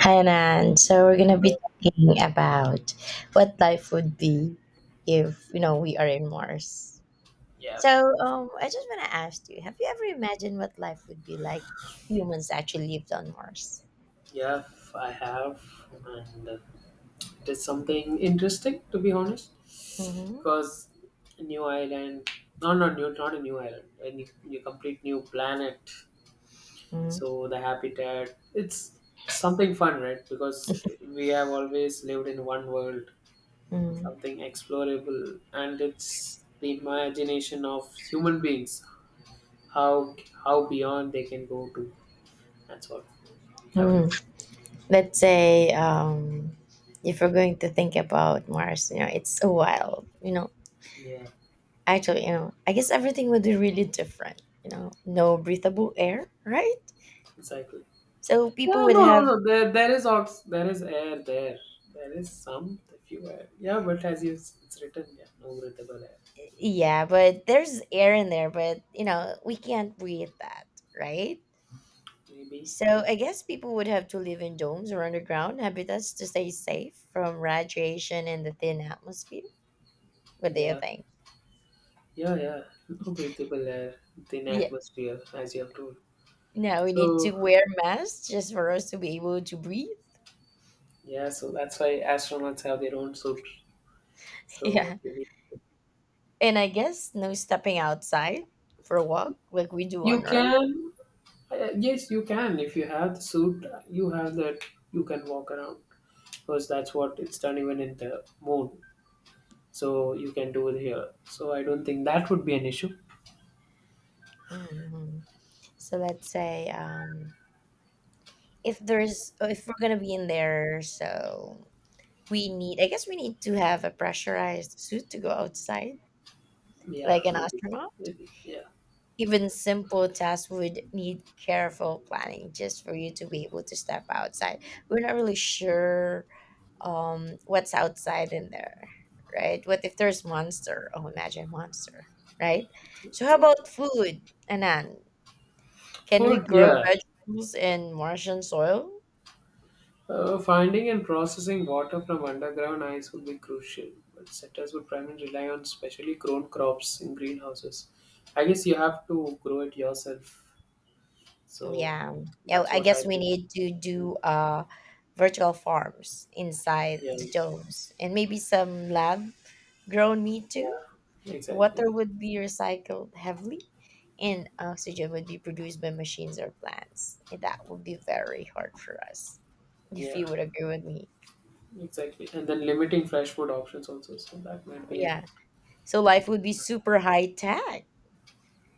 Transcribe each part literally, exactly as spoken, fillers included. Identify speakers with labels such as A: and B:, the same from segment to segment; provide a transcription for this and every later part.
A: Hi, Nan. So we're gonna be talking about what life would be if you know we are in Mars.
B: Yeah,
A: So um, I just wanna ask you: Have you ever imagined what life would be like if humans actually lived on Mars?
B: yeah, I have, and uh, it is something interesting, to be honest.
A: Mm-hmm.
B: Because new island, no, not new, not a new island, a new, new complete new planet.
A: Mm-hmm.
B: So the habitat, it's something fun, right? Because we have always lived in one world, something
A: Mm-hmm.
B: explorable, and it's the imagination of human beings, how how beyond they can go to. That's what I would like.
A: Let's say um, if we're going to think about Mars, you know, it's a while. You know,
B: Yeah,
A: actually, you know, I guess everything would be really different. You know, no breathable air, right?
B: exactly.
A: So people
B: Yeah,
A: would
B: no, no,
A: have.
B: no. There, there is ox. There is air. There, there is some few air. Yeah, but as you, it's written. Yeah, no breathable air.
A: Yeah, but there's air in there, but you know, we can't breathe that, right?
B: Maybe.
A: So I guess people would have to live in domes or underground habitats to stay safe from radiation and the thin atmosphere. What do you
B: Yeah,
A: think?
B: yeah, yeah. No breathable air. Thin
A: Yeah.
B: atmosphere, as you have told.
A: Now we need to
B: So
A: wear masks just for us to be able to breathe.
B: yeah, so that's why astronauts have their own suit. So
A: Yeah. And I guess no stepping outside for a walk like we do
B: you
A: on Earth.
B: can, uh, yes, you can. If you have the suit, you have that. You can walk around, because that's what it's done even in the moon. So you can do it here. So I don't think that would be an issue.
A: Hmm. So let's say um, if there's if we're gonna be in there, so we need I guess we need to have a pressurized suit to go outside
B: Yeah,
A: like an
B: maybe.
A: astronaut.
B: Maybe. Yeah,
A: Even simple tasks would need careful planning just for you to be able to step outside. We're not really sure um what's outside in there, right? What if there's monster? Oh, imagine monster, right? So how
B: exactly.
A: about food, anan? Can we
B: Food,
A: grow
B: yeah.
A: vegetables in martian soil?
B: Uh, finding and processing water from underground ice would be crucial, but settlers would primarily rely on specially grown crops in greenhouses. I guess you have to grow it yourself, so
A: Yeah. Yeah,
B: that's
A: I
B: what I
A: guess we
B: think.
A: need to do uh vertical farms inside
B: Yeah,
A: the domes and maybe some lab grown meat too.
B: yeah,
A: The
B: exactly.
A: water would be recycled heavily and oxygen would be produced by machines or plants. And that would be very hard for us if
B: Yeah,
A: you would agree with me.
B: exactly. And then limiting fresh food options also, so that might be an,
A: Yeah. So life would be super high tech.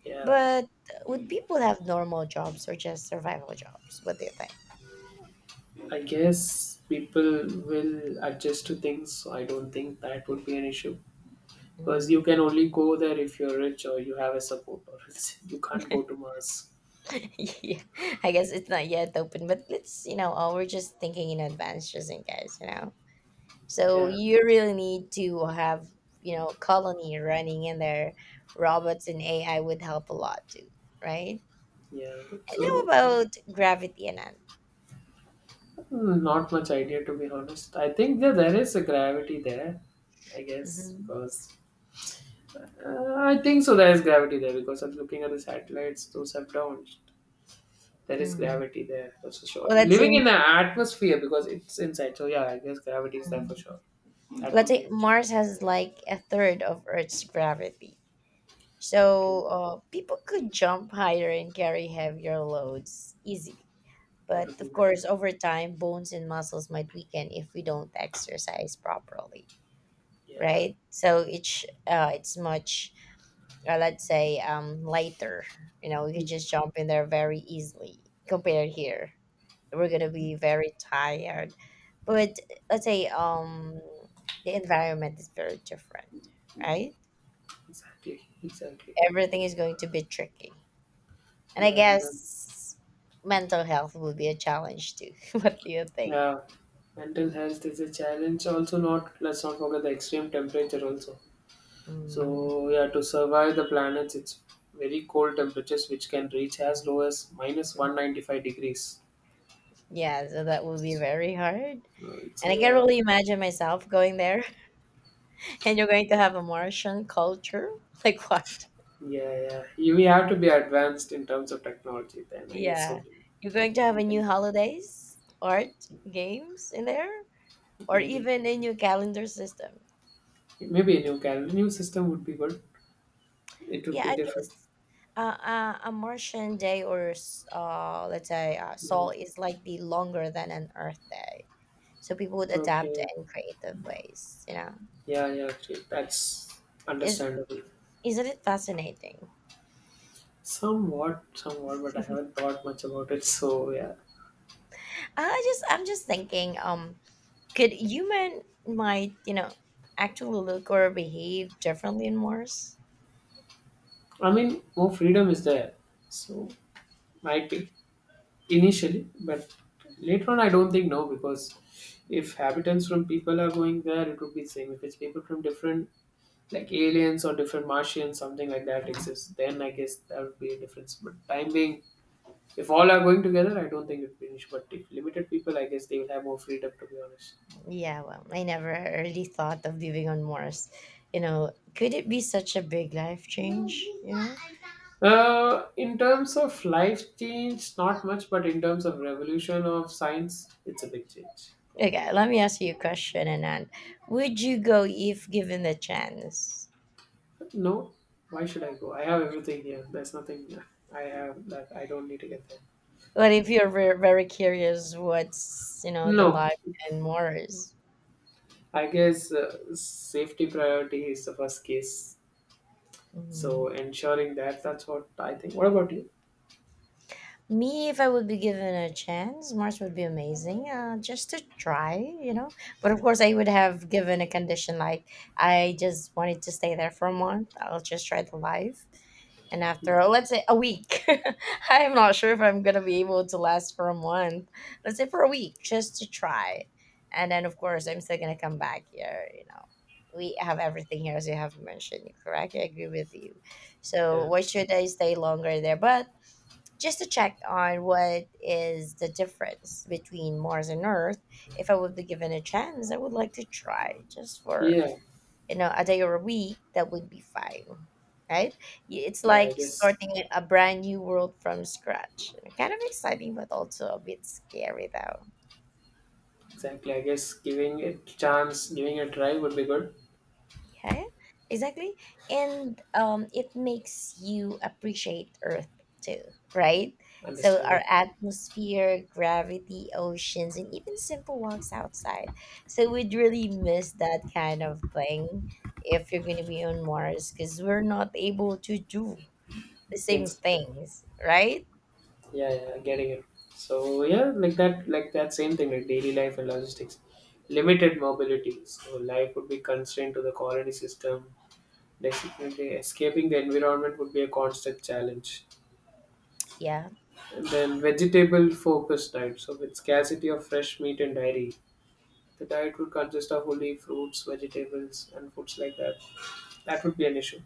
B: yeah.
A: But would people have normal jobs or just survival jobs? What do you think?
B: I guess people will adjust to things, so I don't think that would be an issue. Because you
A: Mm.
B: can only go there if you're rich or you have a support, or else you can't go to Mars.
A: Yeah, I guess it's not yet open, but let's, you know, uh, we're just thinking in advance just in case, you know. So
B: Yeah,
A: you really need to have, you know, colony running in there. Robots and A I would help a lot too, right?
B: yeah,
A: And how
B: so
A: about gravity and
B: mm, not much idea, to be honest. I think that there is a gravity there, I guess,
A: mm-hmm.
B: because uh, I think so there is gravity there, because I'm looking at the satellites those have launched. There is
A: Mm.
B: gravity there, that's for sure.
A: Well, let's say,
B: Living in the atmosphere because it's inside, so yeah, I guess gravity is there
A: mm,
B: for sure. That
A: let's
B: won't be
A: say
B: it.
A: Mars has like a third of Earth's gravity.
B: Okay.
A: So uh, people could jump higher and carry heavier loads easily.
B: That
A: But
B: would be
A: of
B: better.
A: course, over time, bones and muscles might weaken if we don't exercise properly,
B: Yeah,
A: right? So it's uh, it's much, uh, let's say, um, lighter. You know, we can just jump in there very easily compared here. We're gonna be very tired, but let's say um, the environment is very different, right?
B: exactly, exactly.
A: Everything is going to be tricky, and I
B: Yeah, and then
A: guess mental health will be a challenge too. What do you think?
B: yeah, mental health is a challenge. Also, not let's not forget the extreme temperature also.
A: Mm.
B: So yeah, to survive the planets, it's very cold temperatures which can reach as low as minus one ninety five degrees.
A: Yeah, so that would be very hard.
B: Right.
A: And
B: So
A: I can
B: yeah,
A: really imagine myself going there and you're going to have a Martian culture. Like what?
B: yeah, yeah. You We have to be advanced in terms of technology. Then I guess so.
A: Yeah. You're going to have
B: We
A: a new
B: can
A: holidays, art, games in there, or
B: maybe
A: even a new calendar system.
B: maybe a new calendar, new system would be good. It would
A: Yeah, I
B: be different.
A: guess uh, uh, a Martian day or s- uh, let's say uh,
B: Mm.
A: Sol is likely longer than an Earth day. So people would adapt
B: Okay.
A: in creative ways, you know.
B: Yeah, yeah. Great. That's
A: Is
B: understandable.
A: Isn't it fascinating?
B: Somewhat, somewhat, but I haven't thought much about it. So yeah,
A: I just I'm just thinking, um, could human might, you know, actually look or behave differently in Mars?
B: I mean, more freedom is there. So might be initially, but later on, I don't think no, because if habitants from people are going there, it would be same. If it's people from different, like aliens or different Martians, something like that exists, then I guess that would be a difference. But time being, if all are going together, I don't think it would be an issue. But if limited people, I guess they will have more freedom. To be honest.
A: Yeah, well, I never really thought of living on Mars. You know, could it be such a big life change? You know?
B: Uh, in terms of life change, not much, but in terms of revolution of science, it's a big change.
A: Okay, let me ask you a question, Anand. Would you go if given the chance?
B: No, why should I go? I have everything here. There's nothing I have that I don't need to get there.
A: What if you're very, very curious what's, you know, the
B: No,
A: life in Mars?
B: I guess uh, safety priority is the first case. So
A: Mhm.
B: ensuring that, that's what I think. What about you?
A: Me, if I would be given a chance, Mars would be amazing, uh, just to try, you know. But of course, I would have given a condition like I just wanted to stay there for a month. I'll just try the life, and
B: Hmm.
A: after uh, let's say a week, I'm not sure if I'm gonna be able to last for a month. Let's say for a week, just to try, and then of course, I'm still gonna come back here, you know. We have everything here, as you have mentioned, correct? I agree with you. So
B: Yeah,
A: why should I stay longer there? But just to check on what is the difference between Mars and Earth. If I would be given a chance, I would like to try just for
B: yeah,
A: you know a day or a week. That would be fine, right? Y- It's
B: yeah. I
A: like
B: guess
A: starting a a brand new world from scratch. Kind of exciting, but also a bit scary though.
B: exactly. I guess giving it chance, giving it a try would be good.
A: Yeah, exactly. And um, it makes you appreciate Earth too, right? So, our
B: Understandable.
A: atmosphere, gravity, oceans, and even simple walks outside. So, we'd really miss that kind of thing if you're going to be on Mars because we're not able to do the same
B: Things
A: things, right?
B: Yeah, yeah, getting it. So yeah, like that, like that same thing, like daily life and logistics, limited mobility. So life would be constrained to the colony system. Definitely, escaping the environment would be a constant challenge.
A: Yeah.
B: And then vegetable focused diet. So with scarcity of fresh meat and dairy, the diet would consist of only fruits, vegetables, and foods like that. That would be an issue.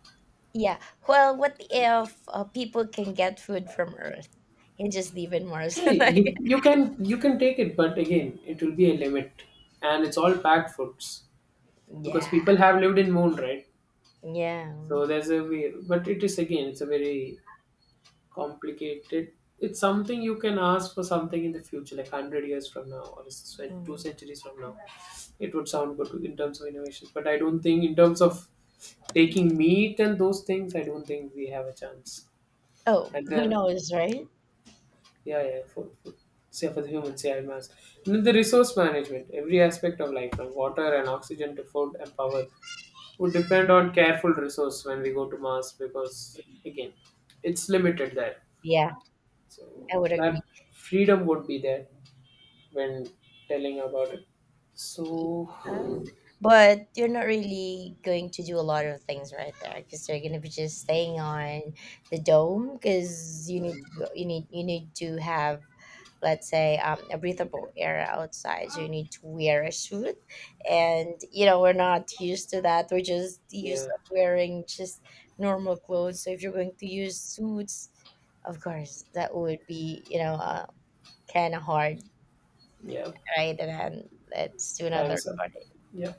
A: Yeah. Well, what if uh, people can get food from Earth and just live in Mars?
B: Hey, you
A: Like,
B: you can you can take it, but again, it will be a limit, and it's all packed foods. Because
A: yeah.
B: people have lived in moon, right?
A: Yeah.
B: So there's a way, but it is again, it's a very complicated, it's something you can ask for something in the future like one hundred years from now or cen- two
A: Mhm.
B: centuries from now. It would sound good in terms of innovations, but I don't think in terms of taking meat and those things, I don't think we have a chance.
A: Oh,
B: And
A: who
B: then
A: knows, right?
B: yeah, yeah, for, for say for the human say mass, and then the resource management, every aspect of life from water and oxygen to food and power would
A: Mm.
B: depend on careful resource when we go to Mars, because again, it's limited there.
A: Yeah,
B: So
A: I would agree.
B: that freedom would be there when telling about it.
A: Yeah.
B: So
A: But you're not really going to do a lot of things right there because you're going to be just staying on the dome because you need
B: hmm,
A: to go, you need you need to have, let's say um, a breathable air outside, so you need to wear a suit. And you know we're not used to that, we're just used
B: yeah,
A: of wearing just normal clothes. So if you're going to use suits, of course that would be, you know, uh, kind of hard,
B: yeah,
A: right? And then let's do another
B: time's up.
A: recording.
B: Yeah.